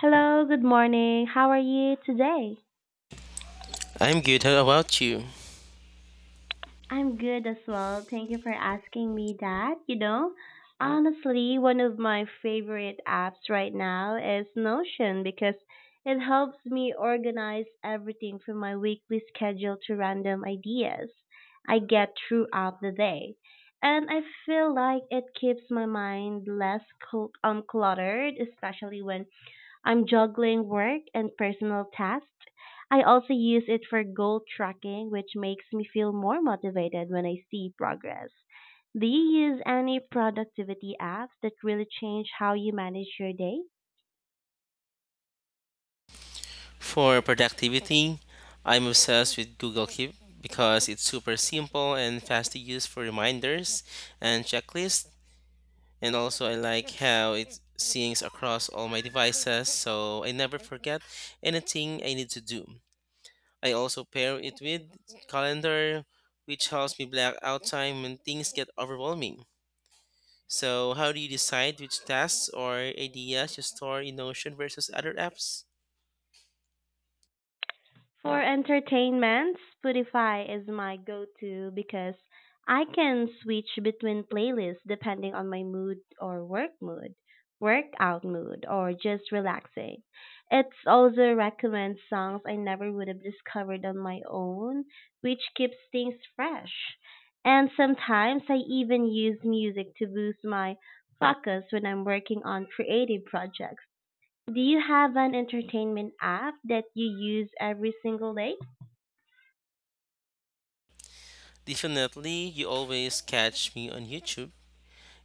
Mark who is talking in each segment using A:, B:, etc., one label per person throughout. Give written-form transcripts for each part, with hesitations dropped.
A: Hello, good morning. How are you today?
B: I'm good. How about you?
A: I'm good as well. Thank you for asking me that. You know, honestly, one of my favorite apps right now is Notion because it helps me organize everything from my weekly schedule to random ideas I get throughout the day. And I feel like it keeps my mind less cluttered, especially when I'm juggling work and personal tasks. I also use it for goal tracking, which makes me feel more motivated when I see progress. Do you use any productivity apps that really change how you manage your day?
B: For productivity, I'm obsessed with Google Keep because it's super simple and fast to use for reminders and checklists. And also, I like how it syncs across all my devices so I never forget anything I need to do. I also pair it with Calendar, which helps me black out time when things get overwhelming. So, how do you decide which tasks or ideas you store in Notion versus other apps?
A: For entertainment, Spotify is my go-to because I can switch between playlists depending on my mood or work mood, workout mood, or just relaxing. It also recommends songs I never would have discovered on my own, which keeps things fresh. And sometimes I even use music to boost my focus when I'm working on creative projects. Do you have an entertainment app that you use every single day?
B: Definitely, you always catch me on YouTube.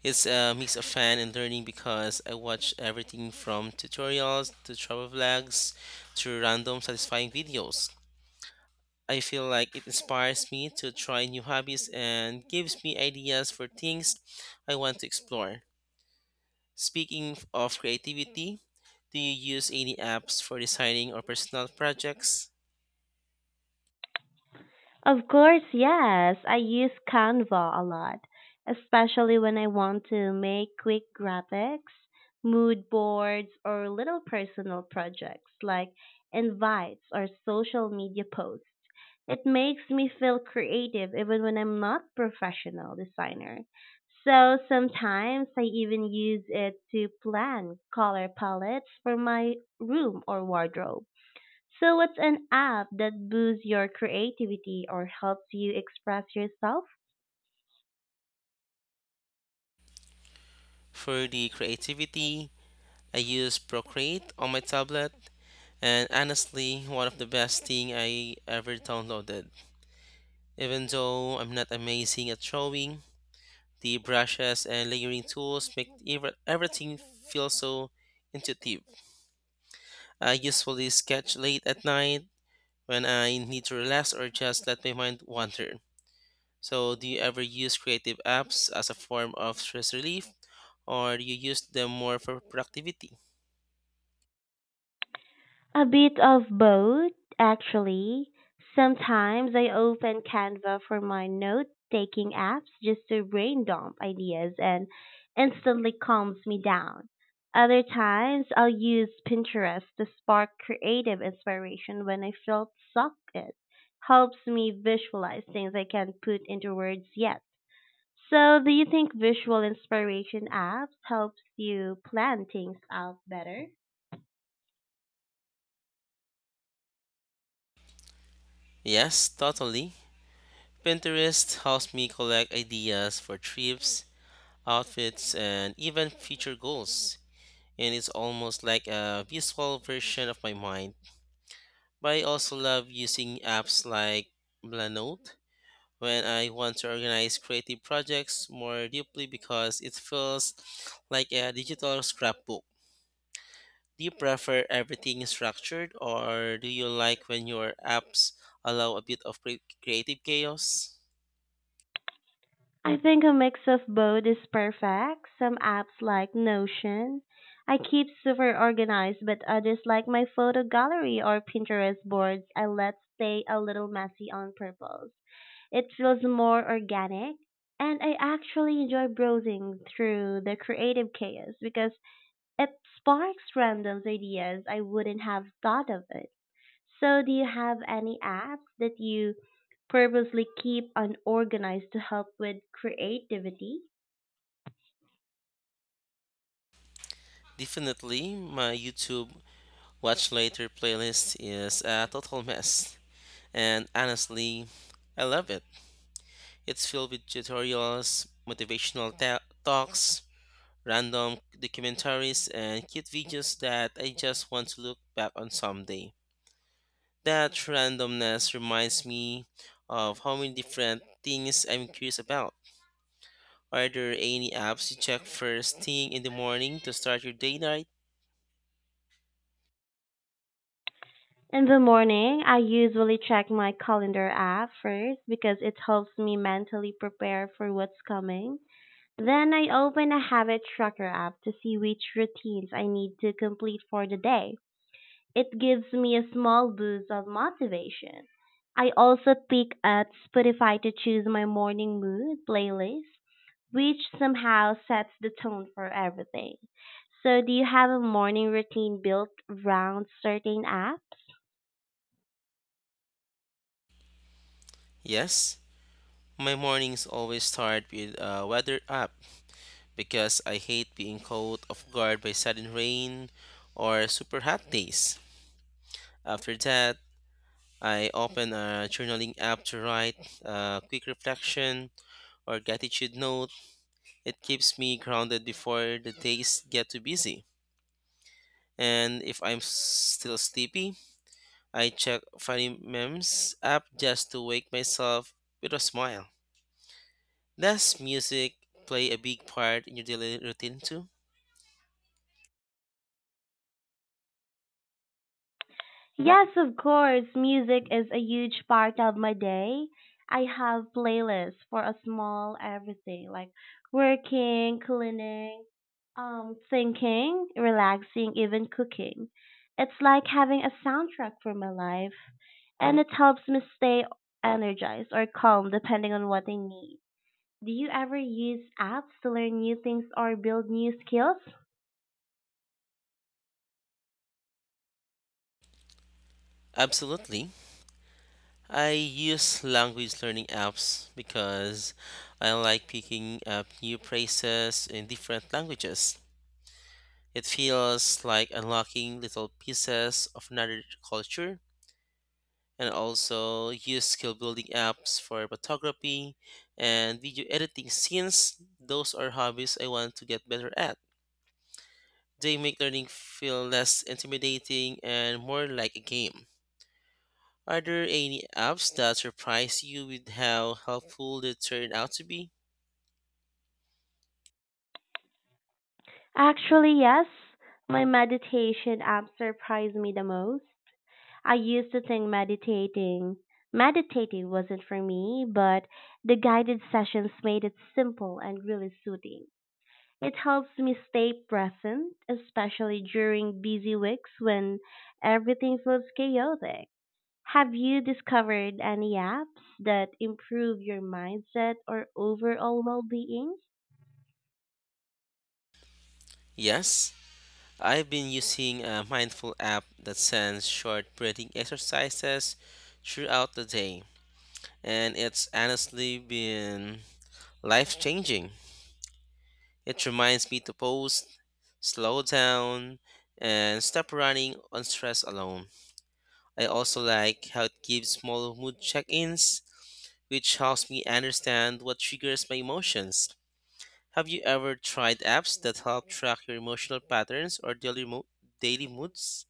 B: It's a mix of fun and learning because I watch everything from tutorials to travel vlogs to random satisfying videos. I feel like it inspires me to try new hobbies and gives me ideas for things I want to explore. Speaking of creativity, do you use any apps for designing or personal projects?
A: Of course, yes. I use Canva a lot, especially when I want to make quick graphics, mood boards, or little personal projects like invites or social media posts. It makes me feel creative even when I'm not professional designer. So sometimes I even use it to plan color palettes for my room or wardrobe. So what's an app that boosts your creativity or helps you express yourself?
B: For the creativity, I use Procreate on my tablet and honestly one of the best thing I ever downloaded. Even though I'm not amazing at drawing, the brushes and layering tools make everything feel so intuitive. I usually sketch late at night when I need to relax or just let my mind wander. So, do you ever use creative apps as a form of stress relief, or do you use them more for productivity?
A: A bit of both, actually. Sometimes I open Canva for my note taking apps just to brain dump ideas and instantly calms me down. Other times I'll use Pinterest to spark creative inspiration when I feel stuck. It helps me visualize things I can't put into words yet. So, do you think visual inspiration apps helps you plan things out better?
B: Yes, totally. Pinterest helps me collect ideas for trips, outfits, and even future goals. And it's almost like a visual version of my mind. But I also love using apps like Blanote when I want to organize creative projects more deeply because it feels like a digital scrapbook. Do you prefer everything structured or do you like when your apps allow a bit of creative chaos?
A: I think a mix of both is perfect. Some apps like Notion, I keep super organized, but others like my photo gallery or Pinterest boards, I let stay a little messy on purpose. It feels more organic, and I actually enjoy browsing through the creative chaos because it sparks random ideas I wouldn't have thought of. So, do you have any apps that you purposely keep unorganized to help with creativity?
B: Definitely, my YouTube Watch Later playlist is a total mess, and honestly, I love it. It's filled with tutorials, motivational talks, random documentaries, and cute videos that I just want to look back on someday. That randomness reminds me of how many different things I'm curious about. Are there any apps you check first thing in the morning to start your day right?
A: In the morning, I usually check my calendar app first because it helps me mentally prepare for what's coming. Then I open a habit tracker app to see which routines I need to complete for the day. It gives me a small boost of motivation. I also pick at Spotify to choose my morning mood playlist which somehow sets the tone for everything. So, do you have a morning routine built around certain apps?
B: Yes, my mornings always start with a weather app, because I hate being caught off guard by sudden rain or super hot days. After that, I open a journaling app to write a quick reflection or gratitude note. It keeps me grounded before the days get too busy. And if I'm still sleepy, I check Funny Memes app just to wake myself with a smile. Does music play a big part in your daily routine too?
A: Yes, of course. Music is a huge part of my day. I have playlists for a small everything like working, cleaning, thinking, relaxing, even cooking. It's like having a soundtrack for my life, and it helps me stay energized or calm depending on what I need. Do you ever use apps to learn new things or build new skills?
B: Absolutely. I use language learning apps because I like picking up new phrases in different languages. It feels like unlocking little pieces of another culture and also use skill building apps for photography and video editing since those are hobbies I want to get better at. They make learning feel less intimidating and more like a game. Are there any apps that surprise you with how helpful they turn out to be?
A: Actually, yes. My meditation app surprised me the most. I used to think meditating wasn't for me, but the guided sessions made it simple and really soothing. It helps me stay present, especially during busy weeks when everything feels chaotic. Have you discovered any apps that improve your mindset or overall well being?
B: Yes, I've been using a mindful app that sends short breathing exercises throughout the day, and it's honestly been life changing. It reminds me to pause, slow down, and stop running on stress alone. I also like how it gives small mood check ins which helps me understand what triggers my emotions. Have you ever tried apps that help track your emotional patterns or daily moods?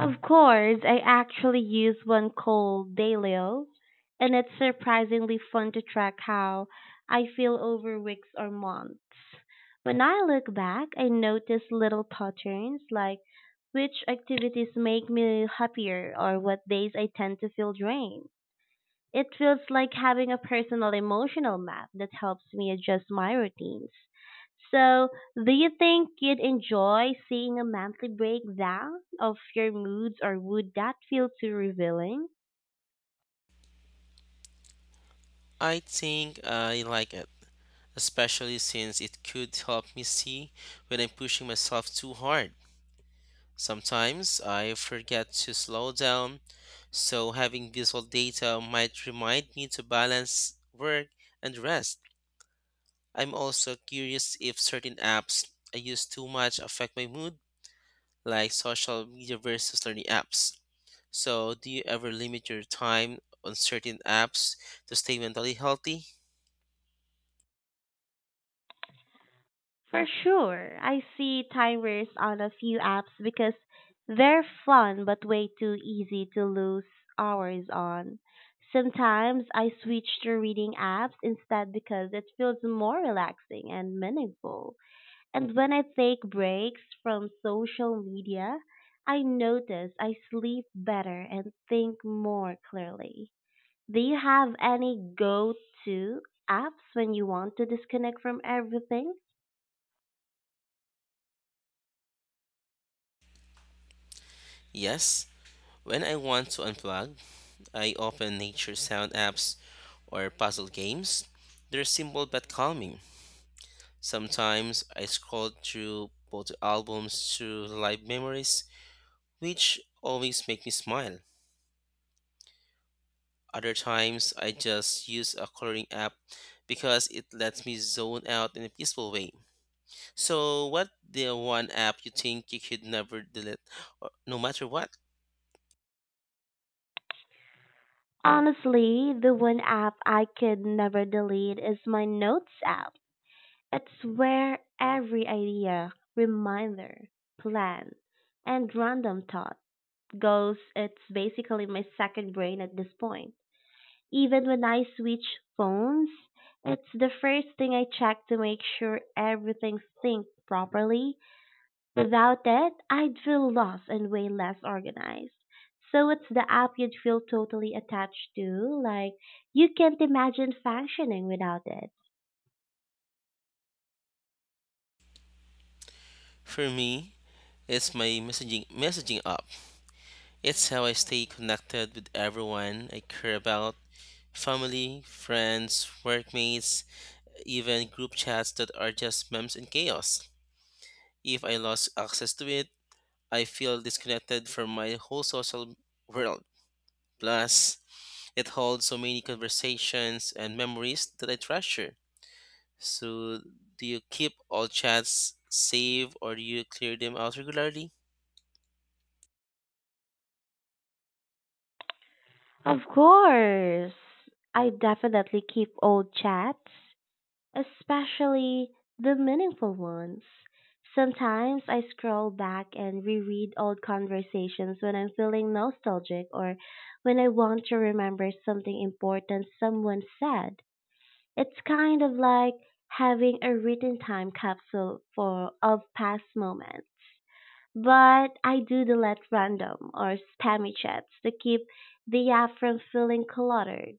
A: Of course, I actually use one called Dailyo, and it's surprisingly fun to track how I feel over weeks or months. When I look back, I notice little patterns like which activities make me happier or what days I tend to feel drained. It feels like having a personal emotional map that helps me adjust my routines. So, do you think you'd enjoy seeing a monthly breakdown of your moods, or would that feel too revealing?
B: I think I like it, especially since it could help me see when I'm pushing myself too hard. Sometimes I forget to slow down, so having visual data might remind me to balance work and rest. I'm also curious if certain apps I use too much affect my mood like social media versus learning apps. So, do you ever limit your time on certain apps to stay mentally healthy?
A: For sure, I see timers on a few apps because they're fun but way too easy to lose hours on. Sometimes I switch to reading apps instead because it feels more relaxing and meaningful. And when I take breaks from social media, I notice I sleep better and think more clearly. Do you have any go to apps when you want to disconnect from everything?
B: Yes. When I want to unplug, I open nature sound apps or puzzle games. They're simple but calming. Sometimes I scroll through photo albums to live memories, which always make me smile. Other times I just use a coloring app because it lets me zone out in a peaceful way. So, what the one app you think you could never delete, no matter what?
A: Honestly, the one app I could never delete is my notes app. It's where every idea, reminder, plan, and random thought goes. It's basically my second brain at this point. Even when I switch phones, it's the first thing I check to make sure everything's synced properly. Without it, I'd feel lost and way less organized. So it's the app you'd feel totally attached to, like you can't imagine functioning without it.
B: For me, it's my messaging app. It's how I stay connected with everyone I care about, family, friends, workmates, even group chats that are just memes and chaos. If I lost access to it, I feel disconnected from my whole social world. Plus, it holds so many conversations and memories that I treasure. So, do you keep all chats safe or do you clear them out regularly?
A: Of course, I definitely keep old chats, especially the meaningful ones. Sometimes I scroll back and reread old conversations when I'm feeling nostalgic or when I want to remember something important someone said. It's kind of like having a written time capsule for of past moments. But I do delete random or spammy chats to keep the app from feeling cluttered.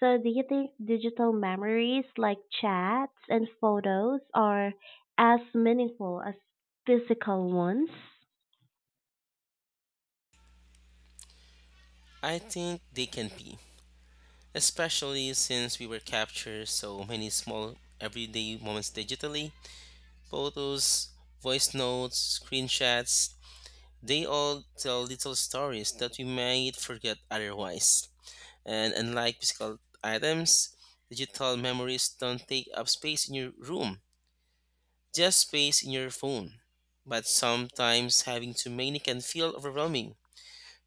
A: So do you think digital memories like chats and photos are as meaningful as physical ones?
B: I think they can be, especially since we were captured so many small everyday moments digitally. Photos, voice notes, screenshots, they all tell little stories that we might forget otherwise. And unlike physical items, digital memories don't take up space in your room, just space in your phone. But sometimes having too many can feel overwhelming,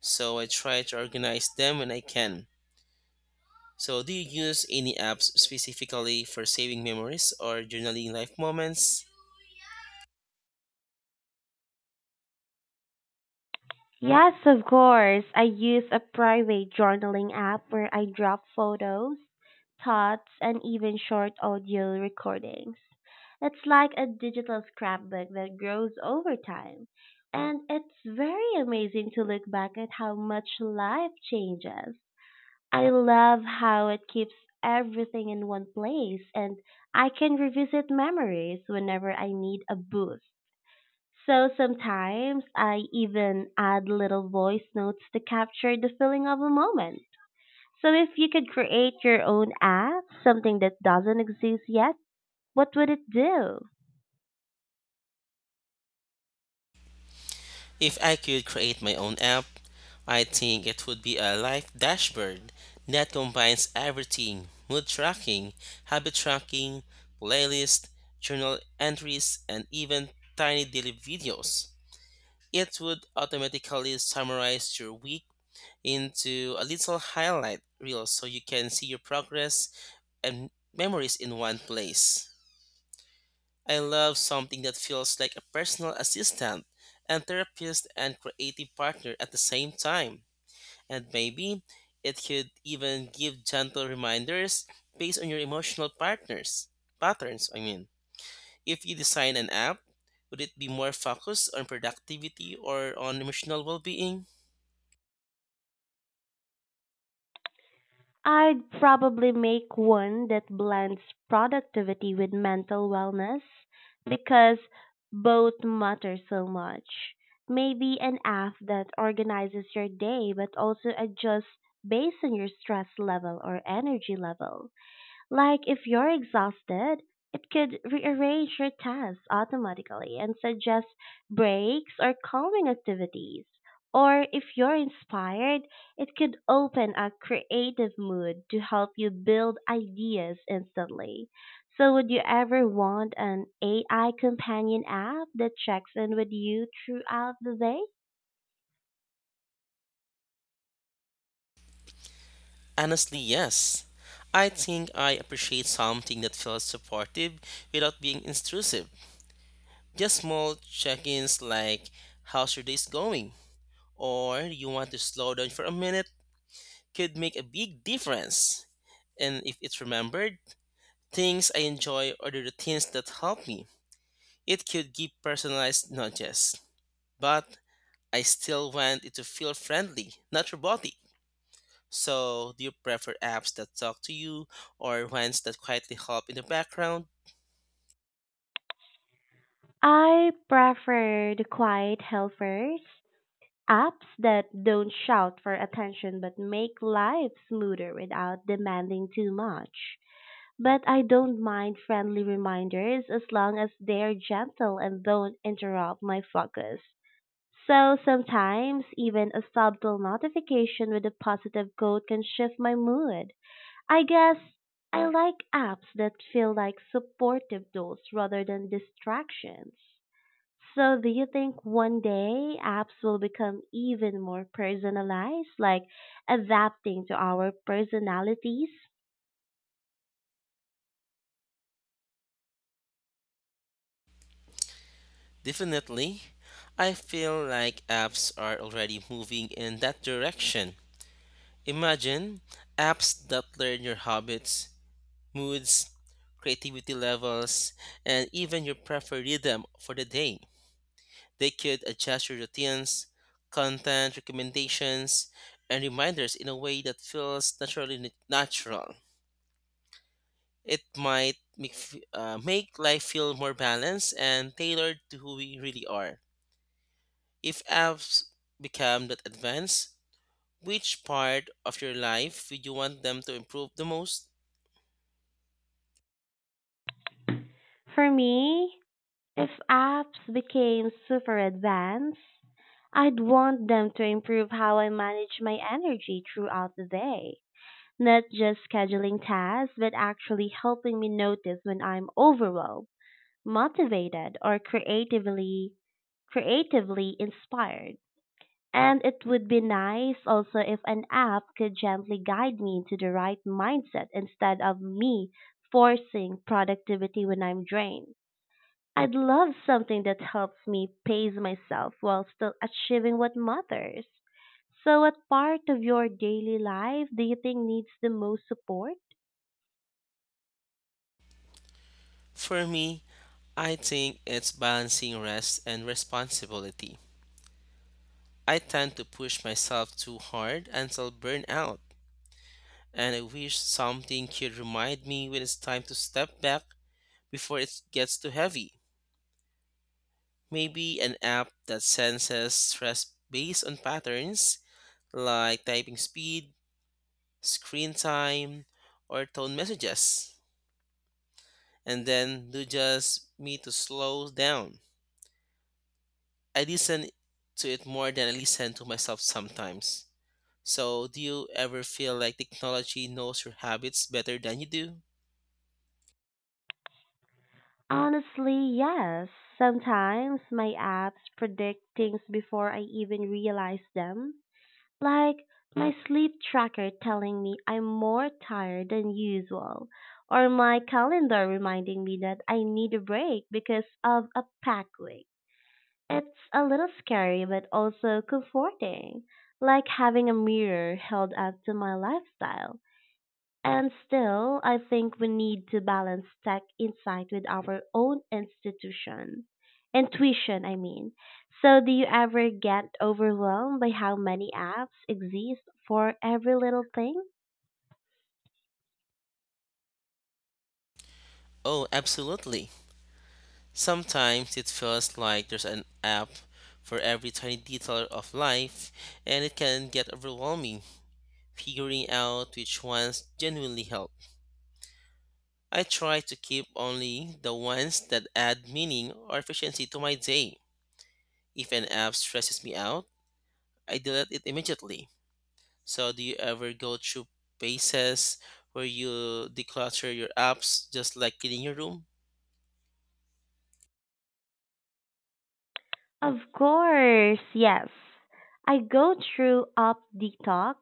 B: so I try to organize them when I can. So, do you use any apps specifically for saving memories or journaling life moments?
A: Yes, of course. I use a private journaling app where I drop photos, thoughts, and even short audio recordings. It's like a digital scrapbook that grows over time. And it's very amazing to look back at how much life changes. I love how it keeps everything in one place and I can revisit memories whenever I need a boost. So sometimes I even add little voice notes to capture the feeling of a moment. So if you could create your own app, something that doesn't exist yet, what would it do?
B: If I could create my own app, I think it would be a life dashboard that combines everything: mood tracking, habit tracking, playlist, journal entries, and even tiny daily videos. It would automatically summarize your week into a little highlight reel so you can see your progress and memories in one place. I love something that feels like a personal assistant and therapist and creative partner at the same time. And maybe it could even give gentle reminders based on your emotional partners patterns, I mean. If you design an app, would it be more focused on productivity or on emotional well-being?
A: I'd probably make one that blends productivity with mental wellness because both matter so much. Maybe an app that organizes your day but also adjusts based on your stress level or energy level. Like if you're exhausted, it could rearrange your tasks automatically and suggest breaks or calming activities. Or if you're inspired, it could open a creative mood to help you build ideas instantly. So, would you ever want an AI companion app that checks in with you throughout the day?
B: Honestly, yes. I think I appreciate something that feels supportive without being intrusive. Just small check ins like, how's your day's going? Or you want to slow down for a minute could make a big difference. And if it's remembered, things I enjoy or the routines that help me, it could give personalized nudges. But I still want it to feel friendly, not robotic. So, do you prefer apps that talk to you or ones that quietly help in the background?
A: I prefer the quiet helpers. Apps that don't shout for attention but make life smoother without demanding too much. But I don't mind friendly reminders as long as they're gentle and don't interrupt my focus. So sometimes even a subtle notification with a positive quote can shift my mood. I guess I like apps that feel like supportive tools rather than distractions. So do you think one day apps will become even more personalized, like adapting to our personalities?
B: Definitely. I feel like apps are already moving in that direction. Imagine apps that learn your habits, moods, creativity levels, and even your preferred rhythm for the day. They could adjust your routines, content recommendations, and reminders in a way that feels natural. It might make, make life feel more balanced and tailored to who we really are. If apps become that advanced, which part of your life would you want them to improve the most?
A: For me, if apps became super advanced, I'd want them to improve how I manage my energy throughout the day. Not just scheduling tasks, but actually helping me notice when I'm overwhelmed, motivated, or creatively inspired. And it would be nice also if an app could gently guide me into the right mindset instead of me forcing productivity when I'm drained. I'd love something that helps me pace myself while still achieving what matters. So, what part of your daily life do you think needs the most support?
B: For me, I think it's balancing rest and responsibility. I tend to push myself too hard until burnout, and I wish something could remind me when it's time to step back before it gets too heavy. Maybe an app that senses stress based on patterns like typing speed, screen time, or tone messages, and then do just me to slow down. I listen to it more than I listen to myself sometimes. So, do you ever feel like technology knows your habits better than you do?
A: Honestly, yes. Sometimes my apps predict things before I even realize them like my sleep tracker telling me I'm more tired than usual, or my calendar reminding me that I need a break because of a packed week. It's a little scary, but also comforting, like having a mirror held up to my lifestyle. And still, I think we need to balance tech insight with our own institution. Intuition, I mean. So, do you ever get overwhelmed by how many apps exist for every little thing?
B: Oh, absolutely. Sometimes it feels like there's an app for every tiny detail of life, and it can get overwhelming figuring out which ones genuinely help. I try to keep only the ones that add meaning or efficiency to my day. If an app stresses me out, I delete it immediately. So, do you ever go through phases where you declutter your apps just like cleaning your room?
A: Of course, yes. I go through up detox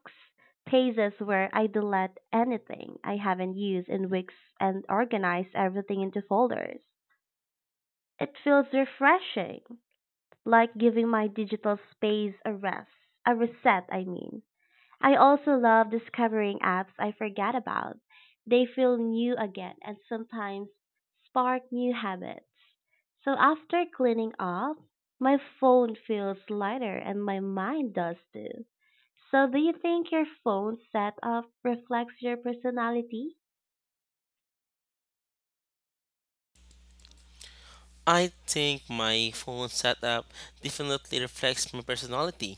A: phases where I delete anything I haven't used in weeks and organize everything into folders. It feels refreshing like giving my digital space a rest, a reset, I mean. I also love discovering apps I forgot about. They feel new again and sometimes spark new habits. So after cleaning up, my phone feels lighter and my mind does too. So do you think your phone setup reflects your personality?
B: I think my phone setup definitely reflects my personality.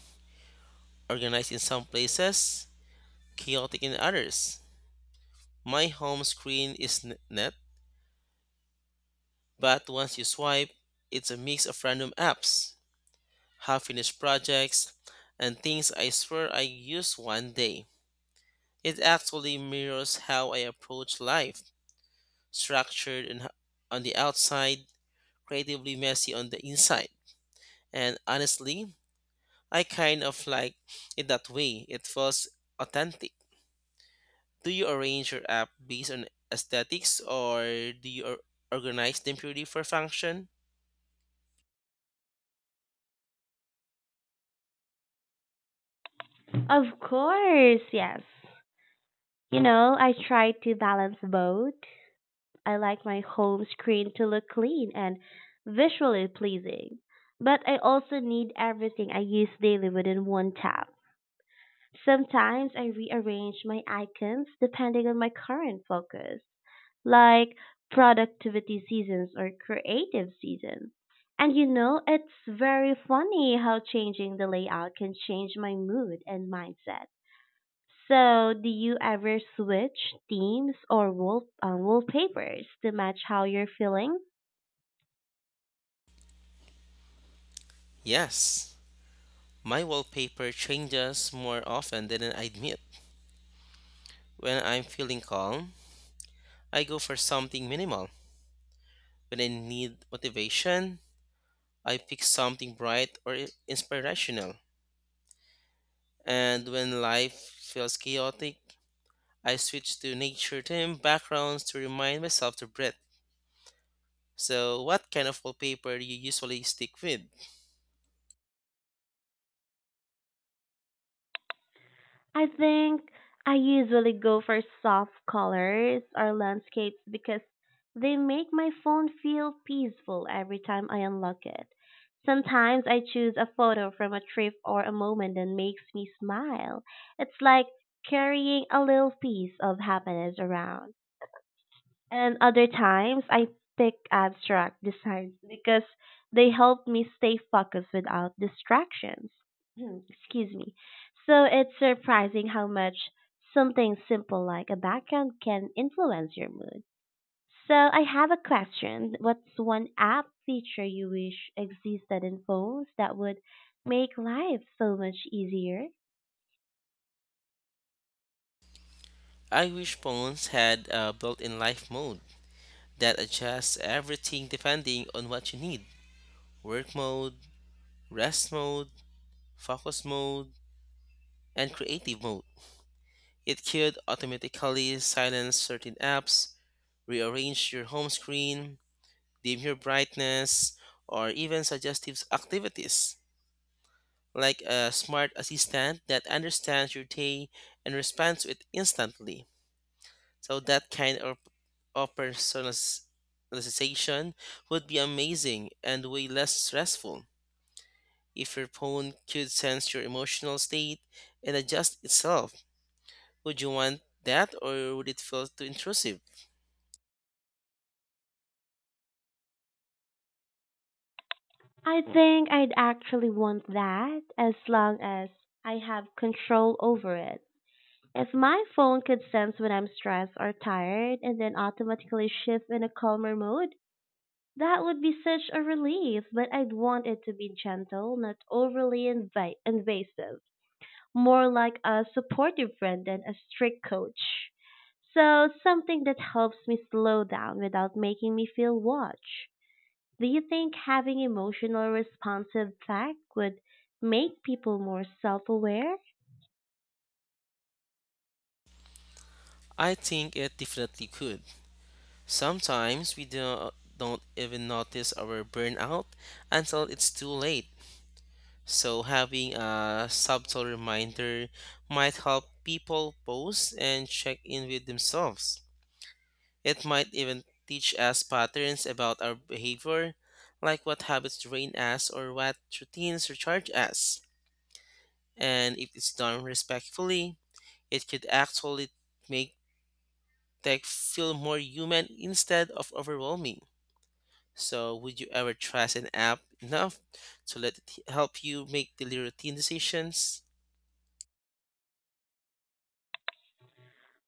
B: Organized in some places, chaotic in others. My home screen is net. But once you swipe, it's a mix of random apps, half finished projects, and things I swear I use one day. It actually mirrors how I approach life, structured and on the outside, creatively messy on the inside. And honestly, I kind of like it that way. It feels authentic. Do you arrange your app based on aesthetics or do you organize them purely for function?
A: Of course, yes. You know, I try to balance both. I like my home screen to look clean and visually pleasing, but I also need everything I use daily within one tap. Sometimes I rearrange my icons depending on my current focus, like productivity seasons or creative season. And you know, it's very funny how changing the layout can change my mood and mindset. So, do you ever switch themes or wallpapers to match how you're feeling?
B: Yes. My wallpaper changes more often than I admit. When I'm feeling calm, I go for something minimal. When I need motivation, I pick something bright or inspirational. And when life feels chaotic, I switch to nature theme backgrounds to remind myself to breathe. So, what kind of wallpaper do you usually stick with?
A: I think I usually go for soft colors or landscapes because they make my phone feel peaceful every time I unlock it. Sometimes I choose a photo from a trip or a moment that makes me smile. It's like carrying a little piece of happiness around. And other times I pick abstract designs because they help me stay focused without distractions. Excuse me. So it's surprising how much something simple like a background can influence your mood. So I have a question. What's one app feature you wish existed in phones that would make life so much easier?
B: I wish phones had a built-in life mode that adjusts everything depending on what you need. Work mode, rest mode, focus mode, and creative mode. It could automatically silence certain apps, rearrange your home screen, dim your brightness, or even suggestive activities, like a smart assistant that understands your day and responds to it instantly. So, that kind of personalization would be amazing and way less stressful. If your phone could sense your emotional state and adjust itself, would you want that or would it feel too intrusive?
A: I think I'd actually want that as long as I have control over it. If my phone could sense when I'm stressed or tired and then automatically shift in a calmer mode, that would be such a relief, but I'd want it to be gentle, not invasive, more like a supportive friend than a strict coach. So, something that helps me slow down without making me feel watched. Do you think having emotional responsive tech would make people more self aware?
B: I think it definitely could. Sometimes don't even notice our burnout until it's too late. So, having a subtle reminder might help people pause and check in with themselves. It might even teach us patterns about our behavior, like what habits drain us or what routines recharge us. And if it's done respectfully, it could actually make They feel more human instead of overwhelming. So, would you ever trust an app enough to let it help you make daily routine decisions?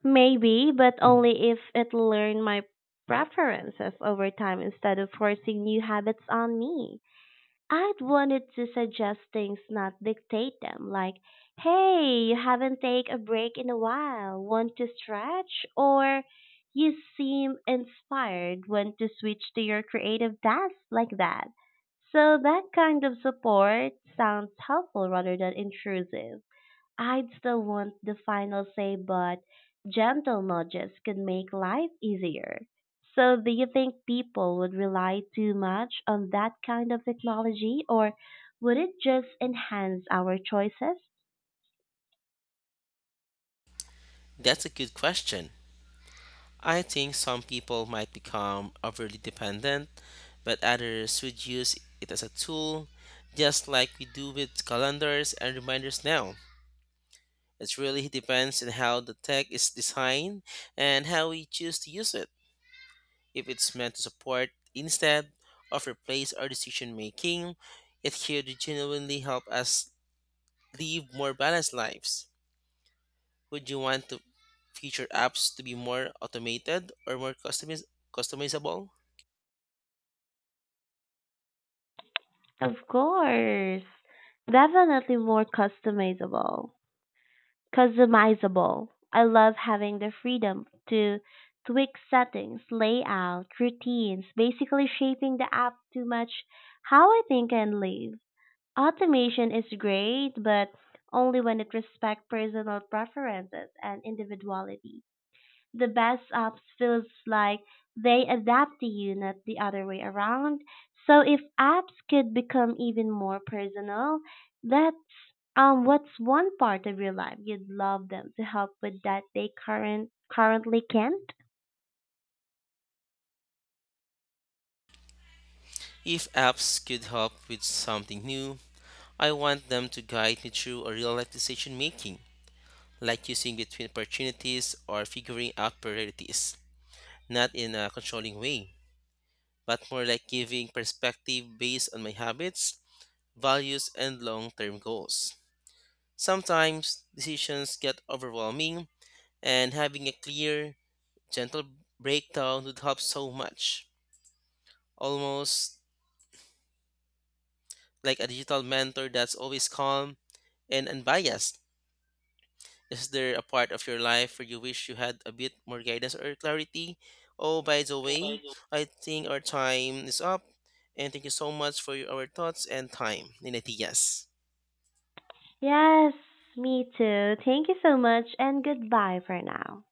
A: Maybe, but only if it learned my preferences over time instead of forcing new habits on me. I'd wanted to suggest things, not dictate them, like, hey, you haven't taken a break in a while, want to stretch? Or you seem inspired, want to switch to your creative task like that. So that kind of support sounds helpful rather than intrusive. I'd still want the final say, but gentle nudges could make life easier. So, do you think people would rely too much on that kind of technology, or would it just enhance our choices?
B: That's a good question. I think some people might become overly dependent, but others would use it as a tool, just like we do with calendars and reminders now. It really depends on how the tech is designed and how we choose to use it. If it's meant to support instead of replace our decision making, it could genuinely help us live more balanced lives. Would you want the future apps to be more automated or more customizable?
A: Of course, definitely more customizable. Customizable. I love having the freedom to tweak settings, layout, routines, basically shaping the app to match how I think and live. Automation is great, but only when it respects personal preferences and individuality. The best apps feels like they adapt to you, not the other way around. So if apps could become even more personal, that's what's one part of your life you'd love them to help with that they currently can't?
B: If apps could help with something new, I want them to guide me through a real life decision making, like choosing between opportunities or figuring out priorities, not in a controlling way, but more like giving perspective based on my habits, values, and long term goals. Sometimes decisions get overwhelming, and having a clear, gentle breakdown would help so much. Almost like a digital mentor that's always calm and unbiased. Is there a part of your life where you wish you had a bit more guidance or clarity? Oh, by the way, I think our time is up. And thank you so much for your, our thoughts and time. 90, yes.
A: Yes, me too. Thank you so much and goodbye for now.